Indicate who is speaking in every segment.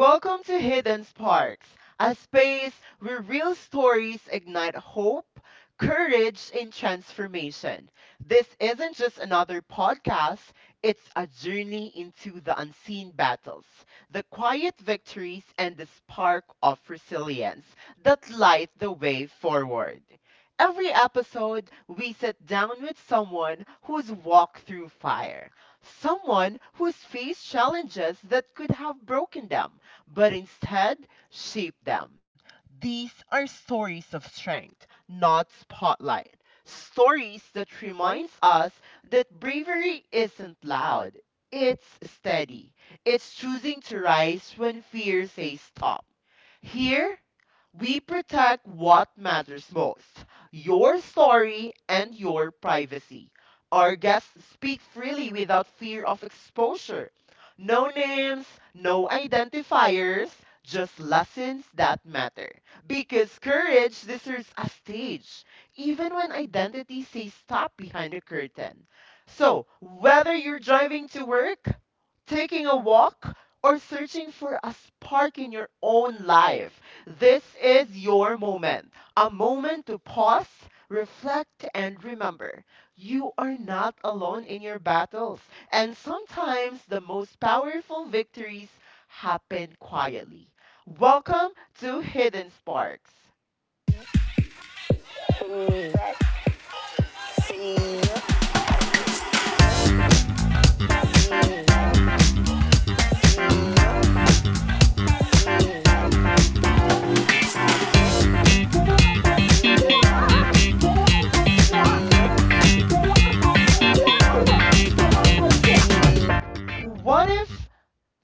Speaker 1: Welcome to Hidden Sparks, a space where real stories ignite hope, courage, and transformation. This isn't just another podcast, it's a journey into the unseen battles, the quiet victories, and the spark of resilience that light the way forward. Every episode, we sit down with someone who's walked through fire. Someone who's faced challenges that could have broken them, but instead shaped them. These are stories of strength, not spotlight. Stories that reminds us that bravery isn't loud. It's steady. It's choosing to rise when fear says stop. Here we protect what matters most: your story and your privacy. Our guests speak freely without fear of exposure. No names, no identifiers, just lessons that matter. Because courage deserves a stage, even when identity says stop behind the curtain. So, whether you're driving to work, taking a walk, or searching for a spark in your own life. This is your moment, a moment to pause, reflect, and remember you are not alone in your battles. And sometimes the most powerful victories happen quietly. Welcome to Hidden Sparks. What if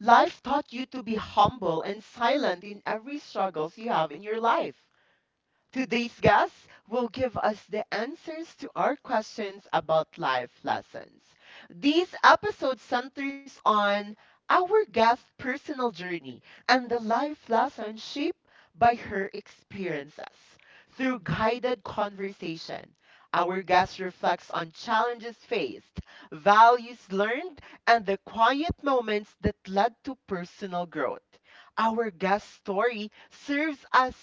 Speaker 1: life taught you to be humble and silent in every struggles you have in your life? Today's guest will give us the answers to our questions about life lessons. This episode centers on our guest's personal journey and the life lessons shaped by her experiences. Through guided conversation, our guest reflects on challenges faced, values learned, and the quiet moments that led to personal growth. Our guest story serves as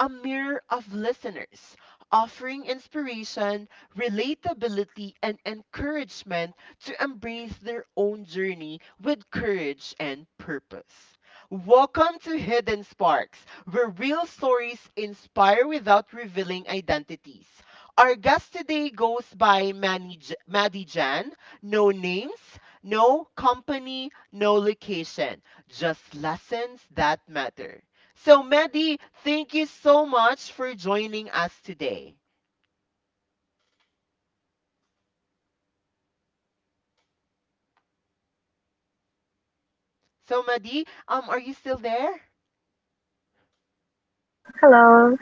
Speaker 1: a mirror of listeners, offering inspiration, relatability, and encouragement to embrace their own journey with courage and purpose. Welcome to Hidden Sparks, where real stories inspire without revealing identities. Our guest today goes by Maddie Jan. No names, no company, no location, just lessons that matter. So, Medi, thank you so much for joining us today. So, Medi, are you still there?
Speaker 2: Hello.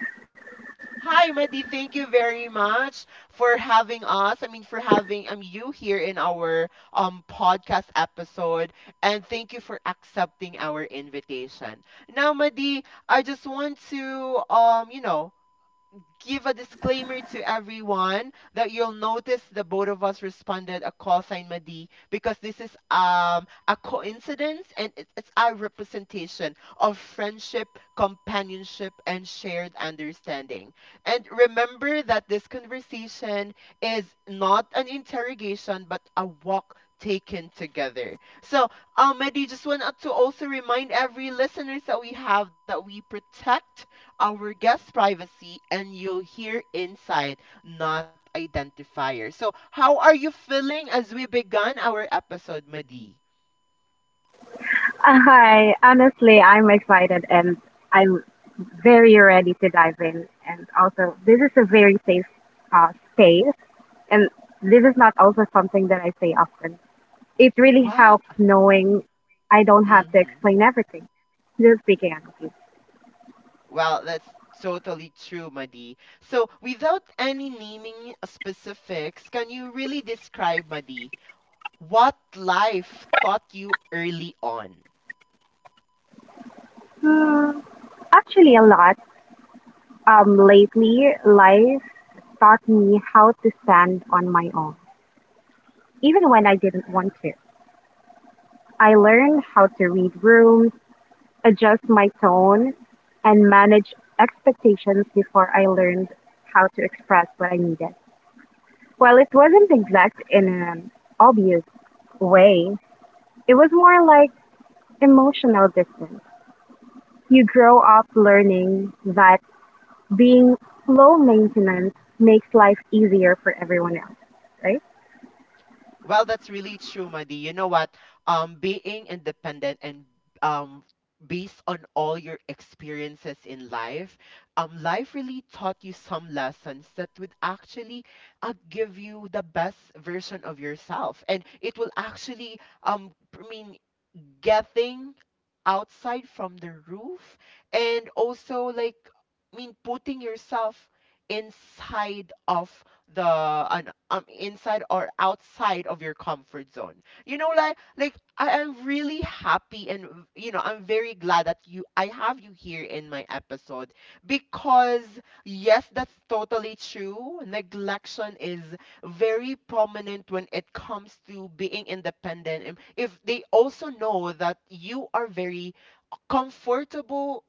Speaker 1: Hi, Madi. Thank you very much for having us. I mean, for having you here in our podcast episode, and thank you for accepting our invitation. Now, Madi, I just want to give a disclaimer to everyone that you'll notice the both of us responded a call sign Madi, because this is a coincidence and it's a representation of friendship, companionship, and shared understanding. And remember that this conversation is not an interrogation but a walk taken together. So, Mehdi, just want to also remind every listeners that we have that we protect our guest privacy, and you'll hear insight, not identifier. So, how are you feeling as we began our episode, Madi?
Speaker 2: Hi. Honestly, I'm excited and I'm very ready to dive in. And also, this is a very safe uh, space. And this is not also something that I say often. It really
Speaker 1: Wow.
Speaker 2: helps knowing I don't have to
Speaker 1: Hmm.
Speaker 2: explain everything. Just speaking honestly.
Speaker 1: Well, that's totally true, Madi. So, without any naming specifics, can you really describe, Madi, what life taught you early on?
Speaker 2: Hmm, actually, a lot. Lately, life taught me how to stand on my own, even when I didn't want to. I learned how to read rooms, adjust my tone, and manage expectations before I learned how to express what I needed. Well, it wasn't exact in an obvious way, it was more like emotional distance. You grow up learning that being low maintenance makes life easier for everyone else, right?
Speaker 1: Well, that's really true, Madi. You know what? Being independent and, um, based on all your experiences in life, life really taught you some lessons that would actually, give you the best version of yourself, and it will actually, um, I mean, getting outside from the roof, and also, like, I mean, putting yourself inside of the an inside or outside of your comfort zone. You know, like I am really happy, and I'm very glad that you I have you here in my episode, because yes, that's totally true. Neglection is very prominent when it comes to being independent. And if they also know that you are very comfortable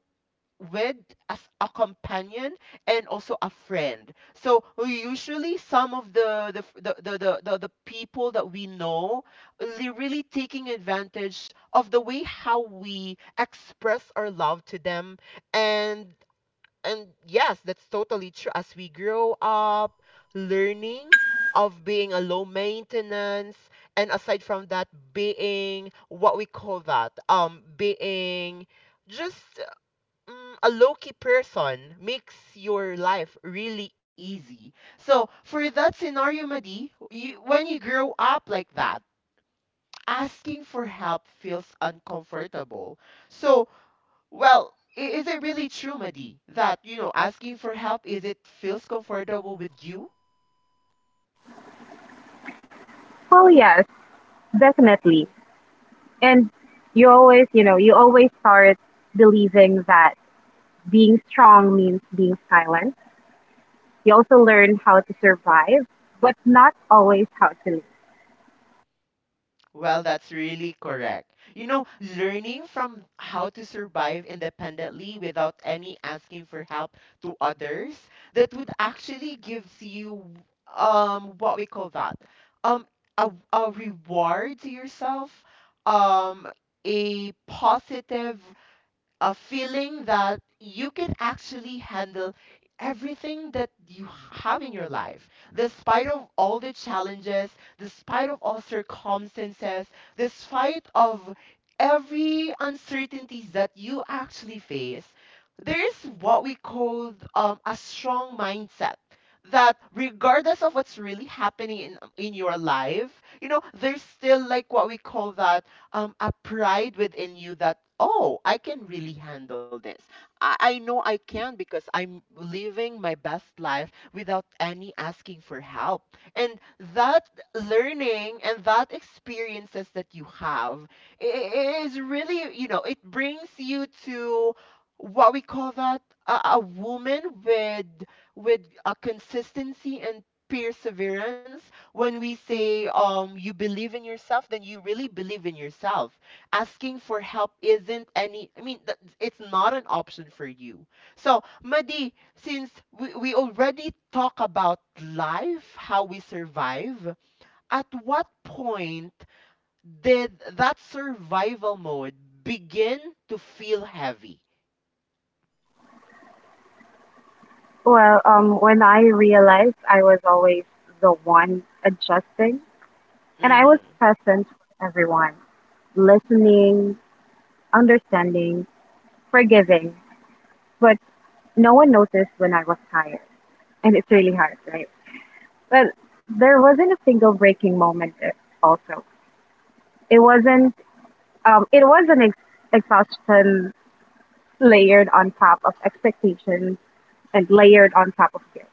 Speaker 1: with as a companion, and also a friend. So, usually, some of the f- the people that we know really taking advantage of the way how we express our love to them, and and yes, that's totally true. As we grow up, learning of being a low maintenance, and aside from that, being what we call that, being just, a low key person makes your life really easy. So, for that scenario, Madi, you, when you grow up like that, asking for help feels uncomfortable. So, well, is it really true, Madi, that, you know, asking for help is it feels comfortable with you?
Speaker 2: Well, yes, definitely. And you always start believing that being strong means being silent. You also learn how to survive, but not always how to live.
Speaker 1: Well, that's really correct. You know, learning from how to survive independently without any asking for help to others, that would actually gives you what we call that, um a reward to yourself, um a positive, a feeling that you could actually handle everything that you have in your life, despite of all the challenges, despite of all circumstances, despite of every uncertainties that you actually face. There is what we call a strong mindset, that regardless of what's really happening in your life, there's still like what we call that, a pride within you that, oh, I can really handle this. I know I can, because I'm living my best life without any asking for help. And that learning and that experiences that you have is really, it brings you to what we call that, a woman with, with a consistency and perseverance. When we say, you believe in yourself, then you really believe in yourself. Asking for help isn't any, I mean, it's not an option for you. So, Madi, since we already talk about life, how we survive, at what point did that survival mode begin to feel heavy?
Speaker 2: Well, when I realized I was always the one adjusting, and I was
Speaker 1: Hmm.
Speaker 2: present for everyone, listening, understanding, forgiving, but no one noticed when I was tired, and it's really hard, right? But there wasn't a single breaking moment. Also, it wasn't. It was an exhaustion layered on top of expectations and layered on top of guilt.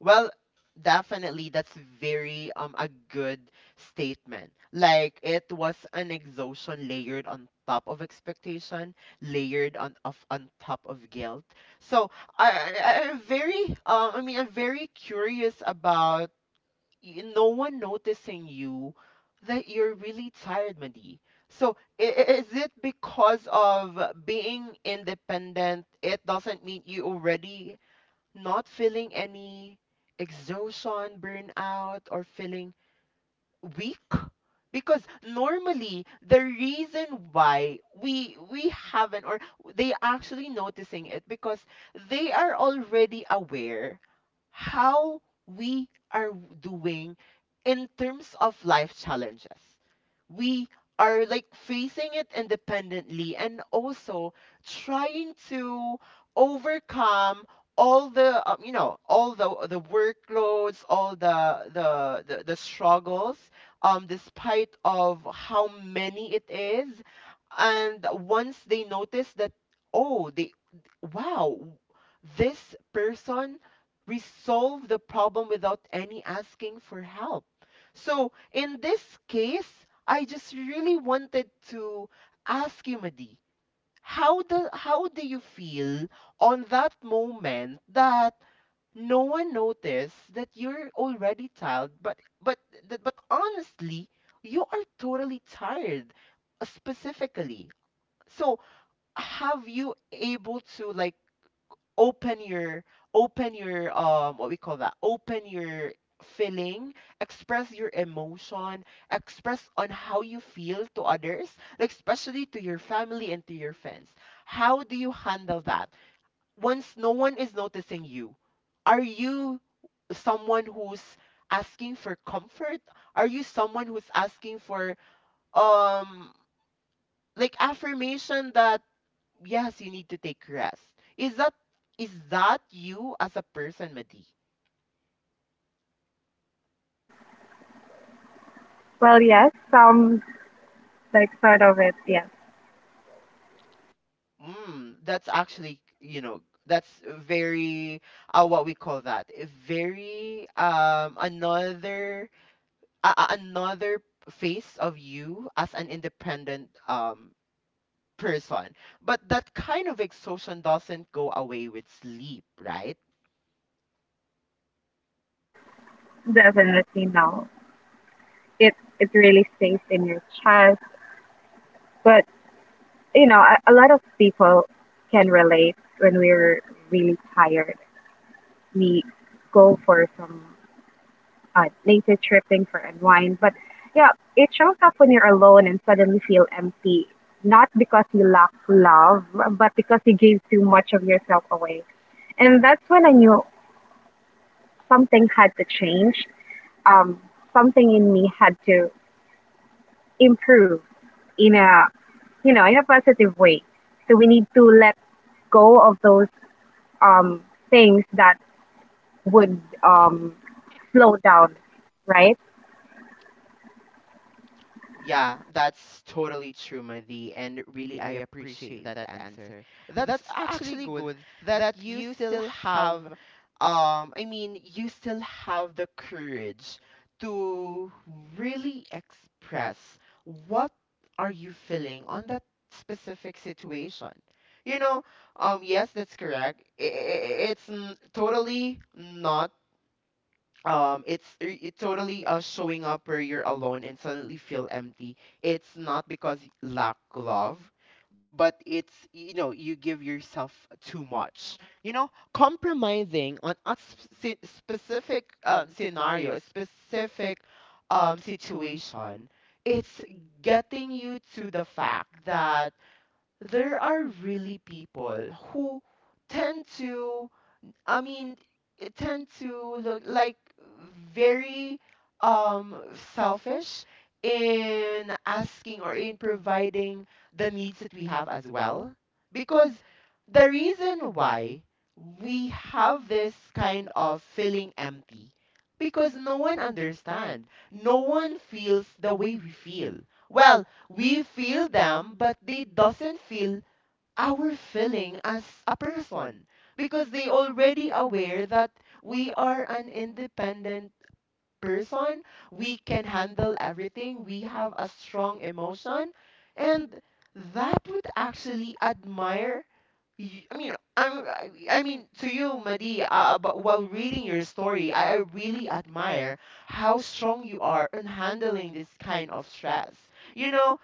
Speaker 1: Well, definitely that's very, a good statement. Like, it was an exhaustion layered on top of expectation, layered on top of guilt. So, I'm very, I mean, I'm very curious about no one noticing you that you're really tired, Madi. So, I- is it because of being independent? It doesn't mean you already not feeling any exhaustion, burnout, or feeling weak, because normally the reason why we haven't, or they actually noticing it because they are already aware how we are doing in terms of life challenges. We are like facing it independently, and also trying to overcome all the, all the workloads, all the struggles, despite of how many it is. And once they notice that, oh they wow this person resolve the problem without any asking for help. So, in this case, I just really wanted to ask you, Madi, how do you feel on that moment that no one noticed that you're already tired, but but but honestly, you are totally tired, specifically. So, have you able to, like, open your open your what we call that open your feeling, express your emotion, express on how you feel to others, like especially to your family and to your friends? How do you handle that once no one is noticing you? Are you someone who's asking for comfort? Are you someone who's asking for, um like, affirmation that yes, you need to take rest. Is that is that you as a person, Madi?
Speaker 2: Well, yes, some like sort of it, yes,
Speaker 1: That's actually, that's very, what we call that, very, another, another face of you as an independent, person. But that kind of exhaustion doesn't go away with sleep, right?
Speaker 2: definitely no. It it really stays in your chest, but you know, a lot of people can relate when we're really tired. We go for some nature tripping for unwind, but yeah, it shows up when you're alone and suddenly feel empty. Not because you lack love, but because you gave too much of yourself away. And that's when I knew something had to change, um, something in me had to improve in a, you know, in a positive way. So we need to let go of those things that would slow down, right?
Speaker 1: Yeah, that's totally true, Madhi, and really I appreciate that answer. That's actually good that you still have, I mean, you still have the courage to really express what are you feeling on that specific situation. You know, yes, that's correct. It's totally not, it totally, showing up where you're alone and suddenly feel empty. It's not because lack love, but it's, you know, you give yourself too much. You know, compromising on a specific, scenario, a specific, situation. It's getting you to the fact that there are really people who tend to, I mean, it tend to look like very, um selfish in asking or in providing the needs that we have as well. Because the reason why we have this kind of feeling empty, because no one understands, no one feels the way we feel. Well, we feel them, but they doesn't feel our feeling as a person, because they already aware that we are an independent person. We can handle everything, we have a strong emotion, and that would actually admire. I mean, I'm, I I mean, to you, Madi, but while reading your story, I really admire how strong you are in handling this kind of stress. You know,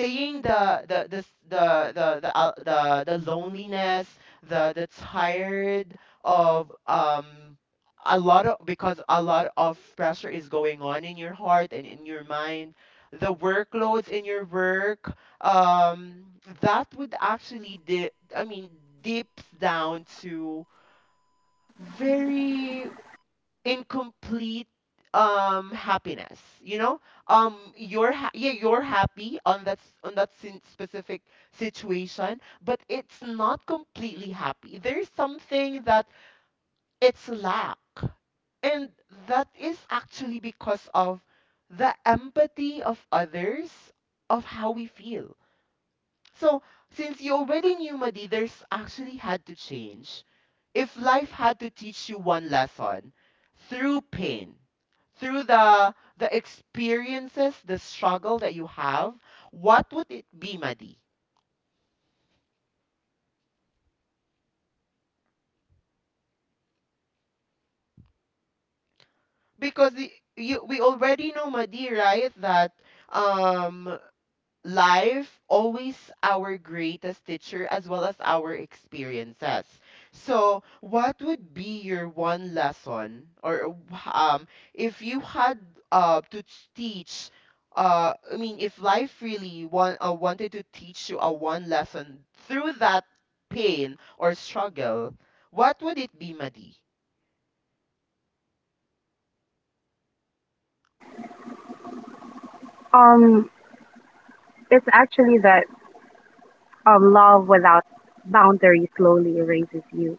Speaker 1: seeing the s- the loneliness, the tired of a lot of because a lot of pressure is going on in your heart and in your mind, the workloads in your work, um, that would actually de- I mean, dips down to very incomplete happiness. You know, you're you're happy on that specific situation, but it's not completely happy. There's something that it's lack, and that is actually because of the empathy of others, of how we feel. So since you already knew, Madi, there's actually had to change. If life had to teach you one lesson through pain, through the experiences, the struggle that you have, what would it be, Madi? Because we already know, Madi, right, that um life always our greatest teacher, as well as our experiences. So what would be your one lesson, or if you had to ch- teach I mean if life really wanted to teach you a one lesson through that pain or struggle, what would it be, Madi?
Speaker 2: Um, it's actually that love without boundaries slowly erases you.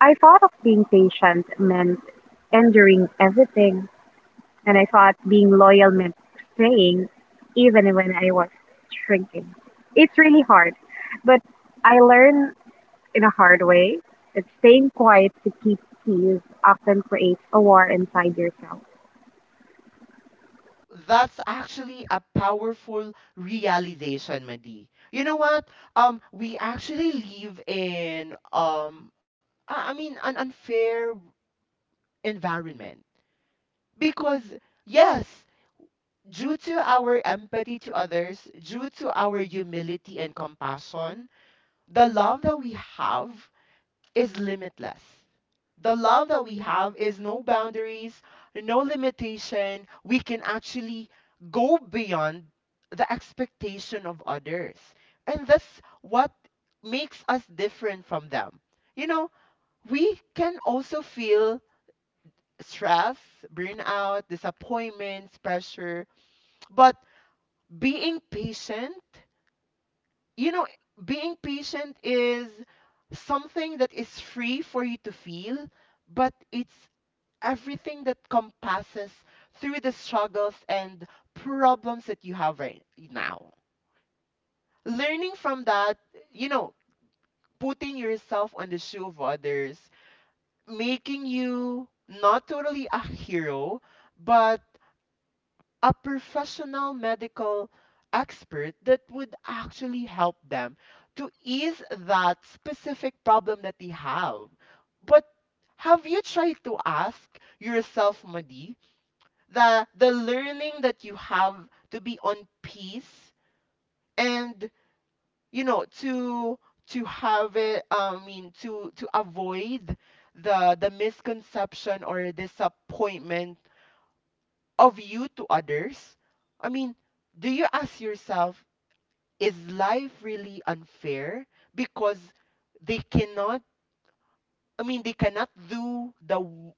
Speaker 2: I thought of being patient meant enduring everything. And I thought being loyal meant staying even when I was shrinking. It's really hard, but I learned in a hard way that staying quiet to keep peace often creates a war inside yourself.
Speaker 1: That's actually a powerful realization, Madi. You know what? We actually live in an unfair environment, because yes, due to our empathy to others, due to our humility and compassion, the love that we have is limitless. The love that we have is no boundaries, no limitation. We can actually go beyond the expectation of others. And that's what makes us different from them. You know, we can also feel stress, burnout, disappointments, pressure, but being patient, you know, being patient is something that is free for you to feel, but it's everything that compasses through the struggles and problems that you have right now. Learning from that, you know, putting yourself on the shoe of others, making you not totally a hero, but a professional medical expert that would actually help them to ease that specific problem that they have. But have you tried to ask yourself, Madi, the learning that you have to be on peace, and you know, to have it, I mean, to to avoid the misconception or disappointment of you to others? I mean, do you ask yourself, is life really unfair, because they cannot, I mean, they cannot do the w-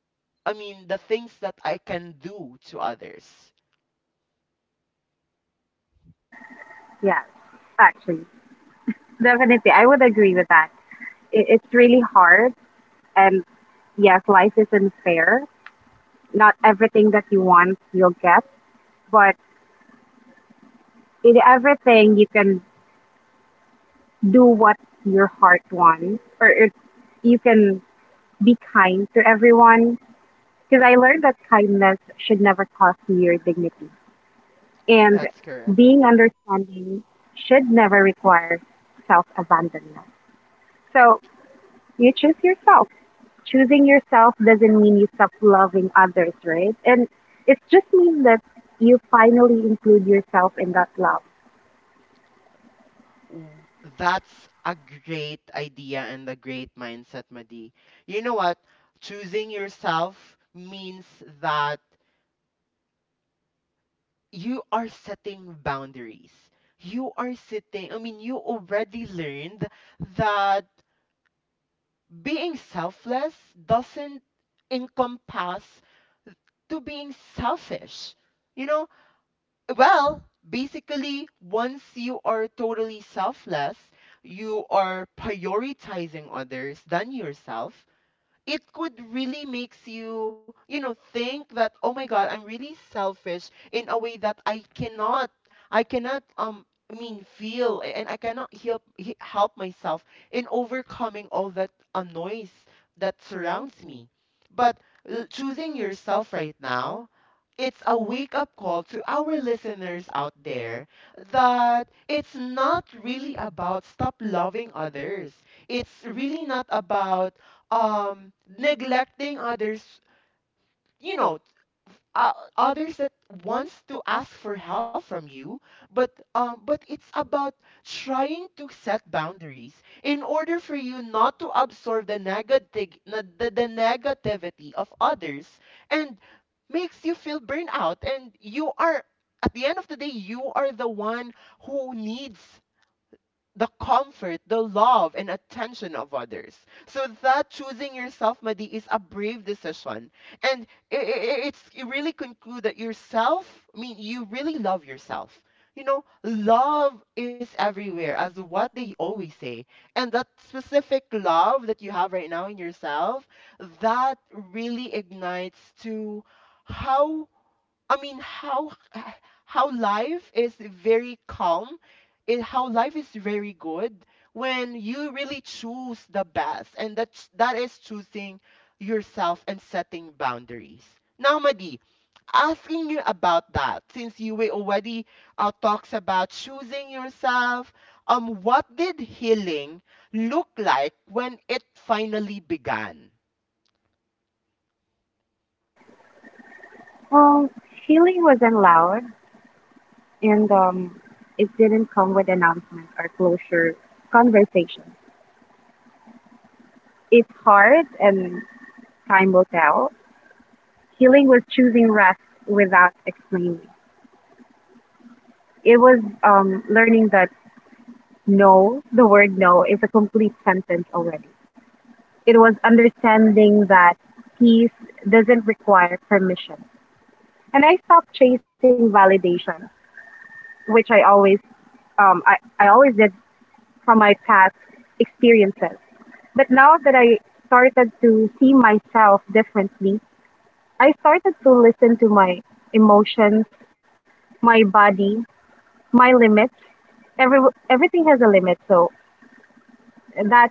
Speaker 1: i mean the things that I can do to others?
Speaker 2: Yes, actually, definitely. I would agree with that. It's really hard, and yes, life is unfair. Not everything that you want you'll get, but in everything, you can do what your heart wants, you can be kind to everyone because I learned that kindness should never cost you your dignity, and
Speaker 1: That's
Speaker 2: being understanding should never require self abandonment. So you choose yourself. Choosing yourself doesn't mean you stop loving others, right? And it just means that you finally include yourself in that love.
Speaker 1: W- that's a great idea and a great mindset, Madi. You know what? Choosing yourself means that you are setting boundaries. You are sitting, I mean, you already learned that being selfless doesn't encompass to being selfish. You know, well, basically, once you are totally selfless, you are prioritizing others than yourself. It could really makes you, you know, think that, oh my God, I'm really selfish in a way that I cannot, feel and I cannot help myself in overcoming all that noise that surrounds me. But choosing yourself right now, it's a wake up call to our listeners out there that it's not really about stop loving others. It's really not about neglecting others, you know, uh, others that wants to ask for help from you, but but it's about trying to set boundaries in order for you not to absorb the negativity of others, and makes you feel burnt out, and you are, at the end of the day, you are the one who needs the comfort, the love, and attention of others. So that choosing yourself, Madi, is a brave decision. And it's you really conclude that yourself, I mean, you really love yourself. You know, love is everywhere, as what they always say. And that specific love that you have right now in yourself, that really ignites to how, I mean, how life is very calm, it how life is very good when you really choose the best, and that is choosing yourself and setting boundaries. Now, Madi, asking you about that, since you were already talks about choosing yourself, what did healing look like when it finally began?
Speaker 2: Well, healing wasn't loud, and it didn't come with announcement or closure conversation. It's hard and time will tell. Healing was choosing rest without explaining. It was learning that no, the word no, is a complete sentence already. It was understanding that peace doesn't require permission. And I stopped chasing validation, which I always I always did from my past experiences. But now that I started to see myself differently, I started to listen to my emotions, my body, my limits. Every Everything has a limit, so that's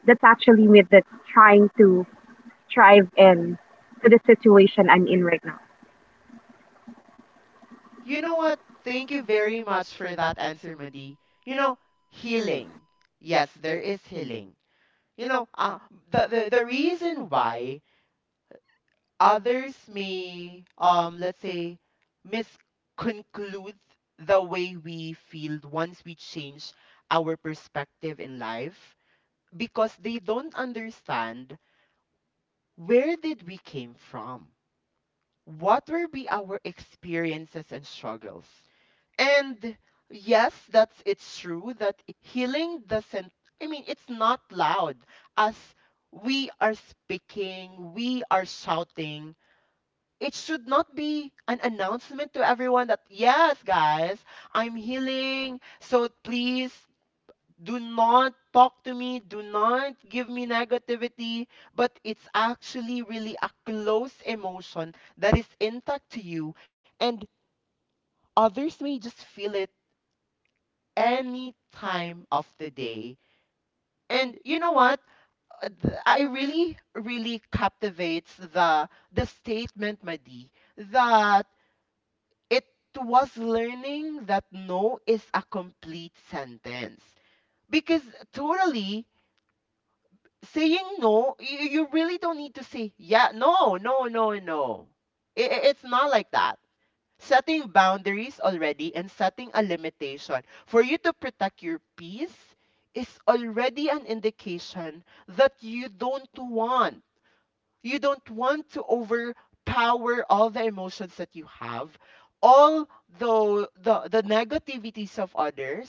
Speaker 2: that's actually me that's trying to thrive in to the situation I'm in right now.
Speaker 1: You know what? Thank you very much for that answer, Madi. You know, healing. Yes, there is healing. You know, the, the reason why others may let's say misconclude the way we feel once we change our perspective in life, because they don't understand where did we came from, what were be our experiences and struggles. And yes, that's it's true that healing doesn't, I mean, it's not loud as we are speaking, we are shouting. It should not be an announcement to everyone that, yes, guys, I'm healing, so please do not talk to me, do not give me negativity. But it's actually really a close emotion that is intact to you, and others may just feel it any time of the day. And you know what? I really, really captivates the statement, Madi, that it was learning that no is a complete sentence. Because totally saying no, you really don't need to say, yeah, no, no, no, no. It's not like that. Setting boundaries already and setting a limitation for you to protect your peace is already an indication that you don't want to overpower all the emotions that you have, all the negativities of others,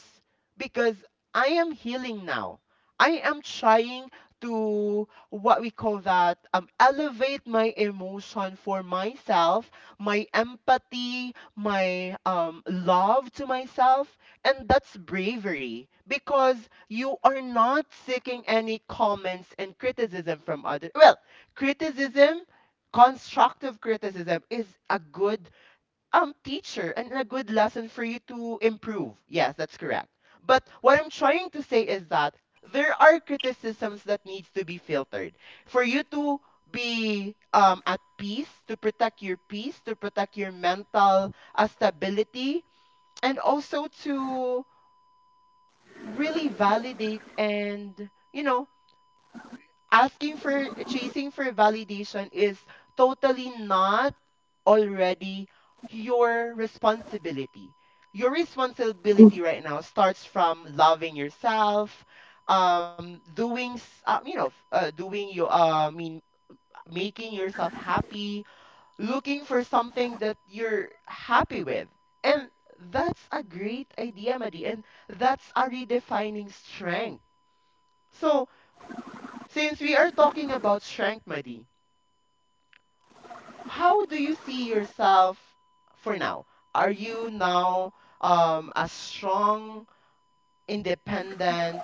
Speaker 1: because I am healing now. I am trying to what we call that elevate my emotion for myself, my empathy, my love to myself, and that's bravery, because you are not seeking any comments and criticism from others. Well, criticism, constructive criticism is a good teacher and a good lesson for you to improve, yes, that's correct. But what I'm trying to say is that there are criticisms that needs to be filtered for you to be at peace, to protect your peace, to protect your mental stability, and also to really validate. And you know, asking for chasing for validation is totally not already your responsibility. Your responsibility right now starts from loving yourself, you know, f- doing you, I mean, making yourself happy, looking for something that you're happy with. And that's a great idea, Madi. And that's a redefining strength. So, since we are talking about strength, Madi, how do you see yourself for now? Are you now, a strong, independent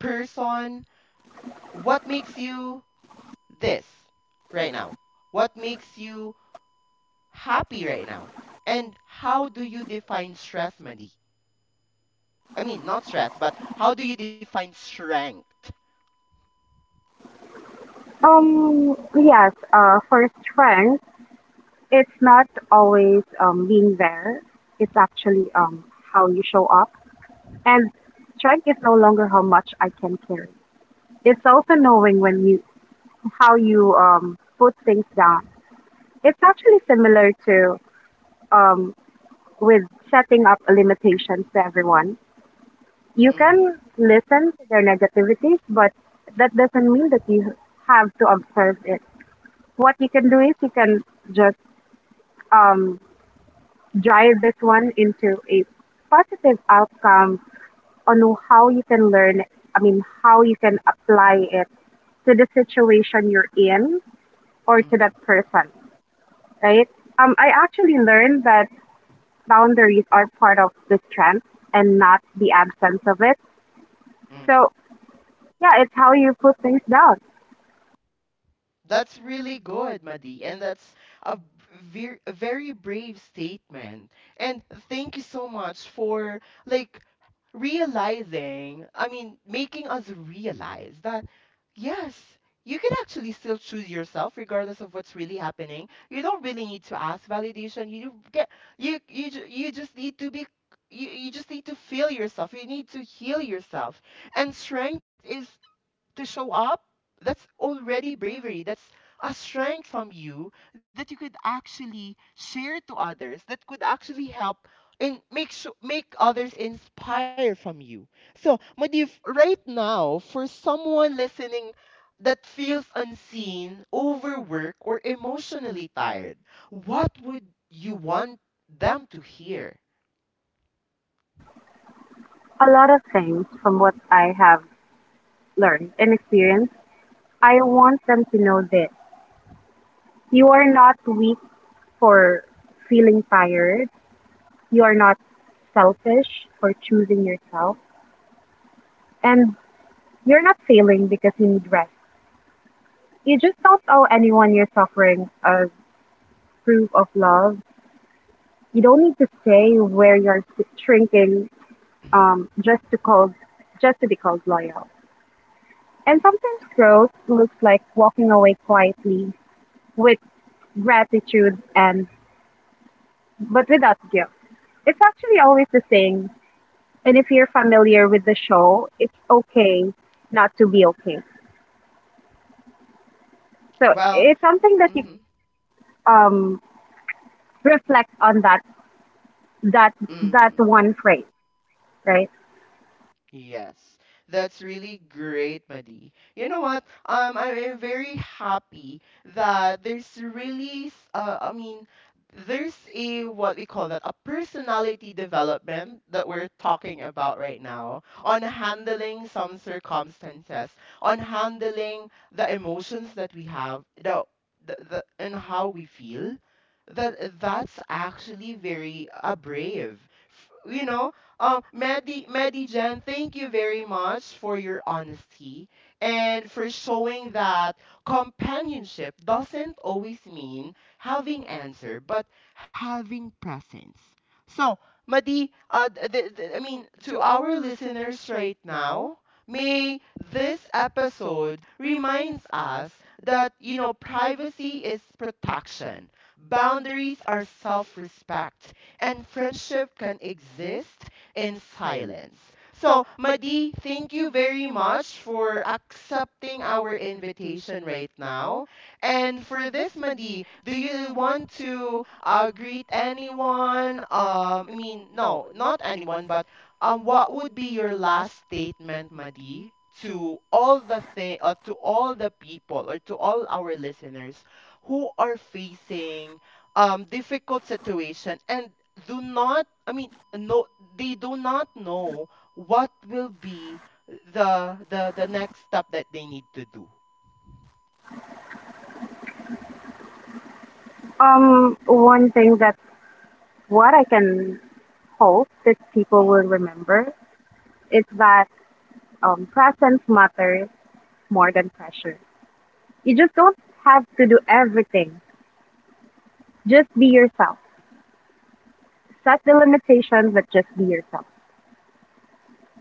Speaker 1: person? What makes you this right now? What makes you happy right now? And how do you define stress, Mandy? I mean, not stress, but how do you define strength?
Speaker 2: Yes, for strength, it's not always being there. It's actually how you show up. And strength is no longer how much I can carry. It's also knowing when you how you put things down. It's actually similar to um, with setting up limitations to everyone. You
Speaker 1: Hmm.
Speaker 2: can listen to their negativities, but that doesn't mean that you have to observe it. What you can do is you can just um, drive this one into a positive outcome on how you can learn, I mean, how you can apply it to the situation you're in or to
Speaker 1: Hmm.
Speaker 2: that person, right? I actually learned that boundaries are part of the strength and not the absence of it.
Speaker 1: Hmm.
Speaker 2: So yeah, it's how you put things down.
Speaker 1: That's really good, Madi, and that's a a very brave statement. And thank you so much for like realizing, I mean, making us realize that yes, you can actually still choose yourself regardless of what's really happening. You don't really need to ask validation. You do get you you just need to be you, you just need to feel yourself. You need to heal yourself. And strength is to show up, that's already bravery. That's a strength from you that you could actually share to others that could actually help and make others inspire from you. So, Madif, right now, for someone listening that feels unseen, overworked, or emotionally tired, what would you want them to hear?
Speaker 2: A lot of things from what I have learned and experienced, I want them to know this. You are not weak for feeling tired. You are not selfish for choosing yourself. And you're not failing because you need rest. You just don't owe anyone your suffering as proof of love. You don't need to stay where you're shrinking, um, just to call, just to be called loyal. And sometimes growth looks like walking away quietly with gratitude and but without guilt. It's actually always the same. And if you're familiar with the show, it's okay not to be okay. So
Speaker 1: Well,
Speaker 2: it's something that you um reflect on, that that
Speaker 1: mm-hmm.
Speaker 2: one phrase, right?
Speaker 1: Yes, that's really great, Madi. You know what? Very happy that there's really, I mean, there's a what we call that a personality development that we're talking about right now on handling some circumstances, on handling the emotions that we have, the and how we feel. That that's actually very brave. You know, Maddie, Maddie Jen, thank you very much for your honesty and for showing that companionship doesn't always mean having answer, but having presence. So, Madi, to our listeners right now, may this episode reminds us that you know privacy is protection, boundaries are self-respect, and friendship can exist in silence. So, Madi, thank you very much for accepting our invitation right now. And for this, Madi, do you want to greet anyone? I mean, no, not anyone, but what would be your last statement, Madi, to all the people, or to all our listeners who are facing difficult situation, and do not, I mean, no, they do not know what will be the next step that they need to do.
Speaker 2: One thing that what I can hope that people
Speaker 1: Mm.
Speaker 2: will remember is that presence matters more than pressure. You just don't have to do everything. Just be yourself. Set the limitations, but just be yourself.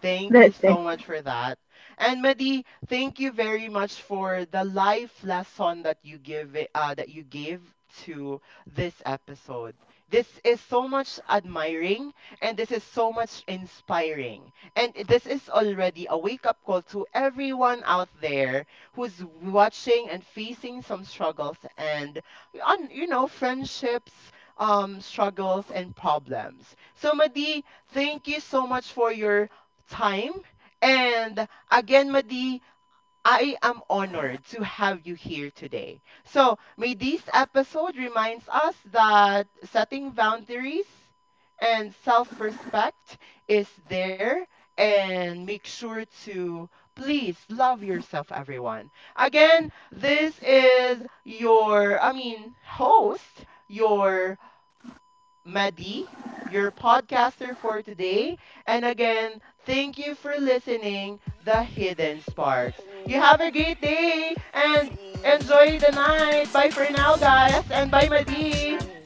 Speaker 1: Thank you
Speaker 2: That's it.
Speaker 1: so much for that. And Madi, thank you very much for the life lesson that you that you gave to this episode. This is so much admiring, and this is so much inspiring. And this is already a wake-up call to everyone out there who's watching and facing some struggles and on you know friendships struggles and problems. So Madi, thank you so much for your time. And again, Madi, I am honored to have you here today. So, may this episode reminds us that setting boundaries and self-respect is there, and make sure to please love yourself, everyone. Again, this is your I mean, host, your Madi, your podcaster for today. And again, thank you for listening, The Hidden Sparks. You have a great day and enjoy the night. Bye for now, guys, and bye, Madi.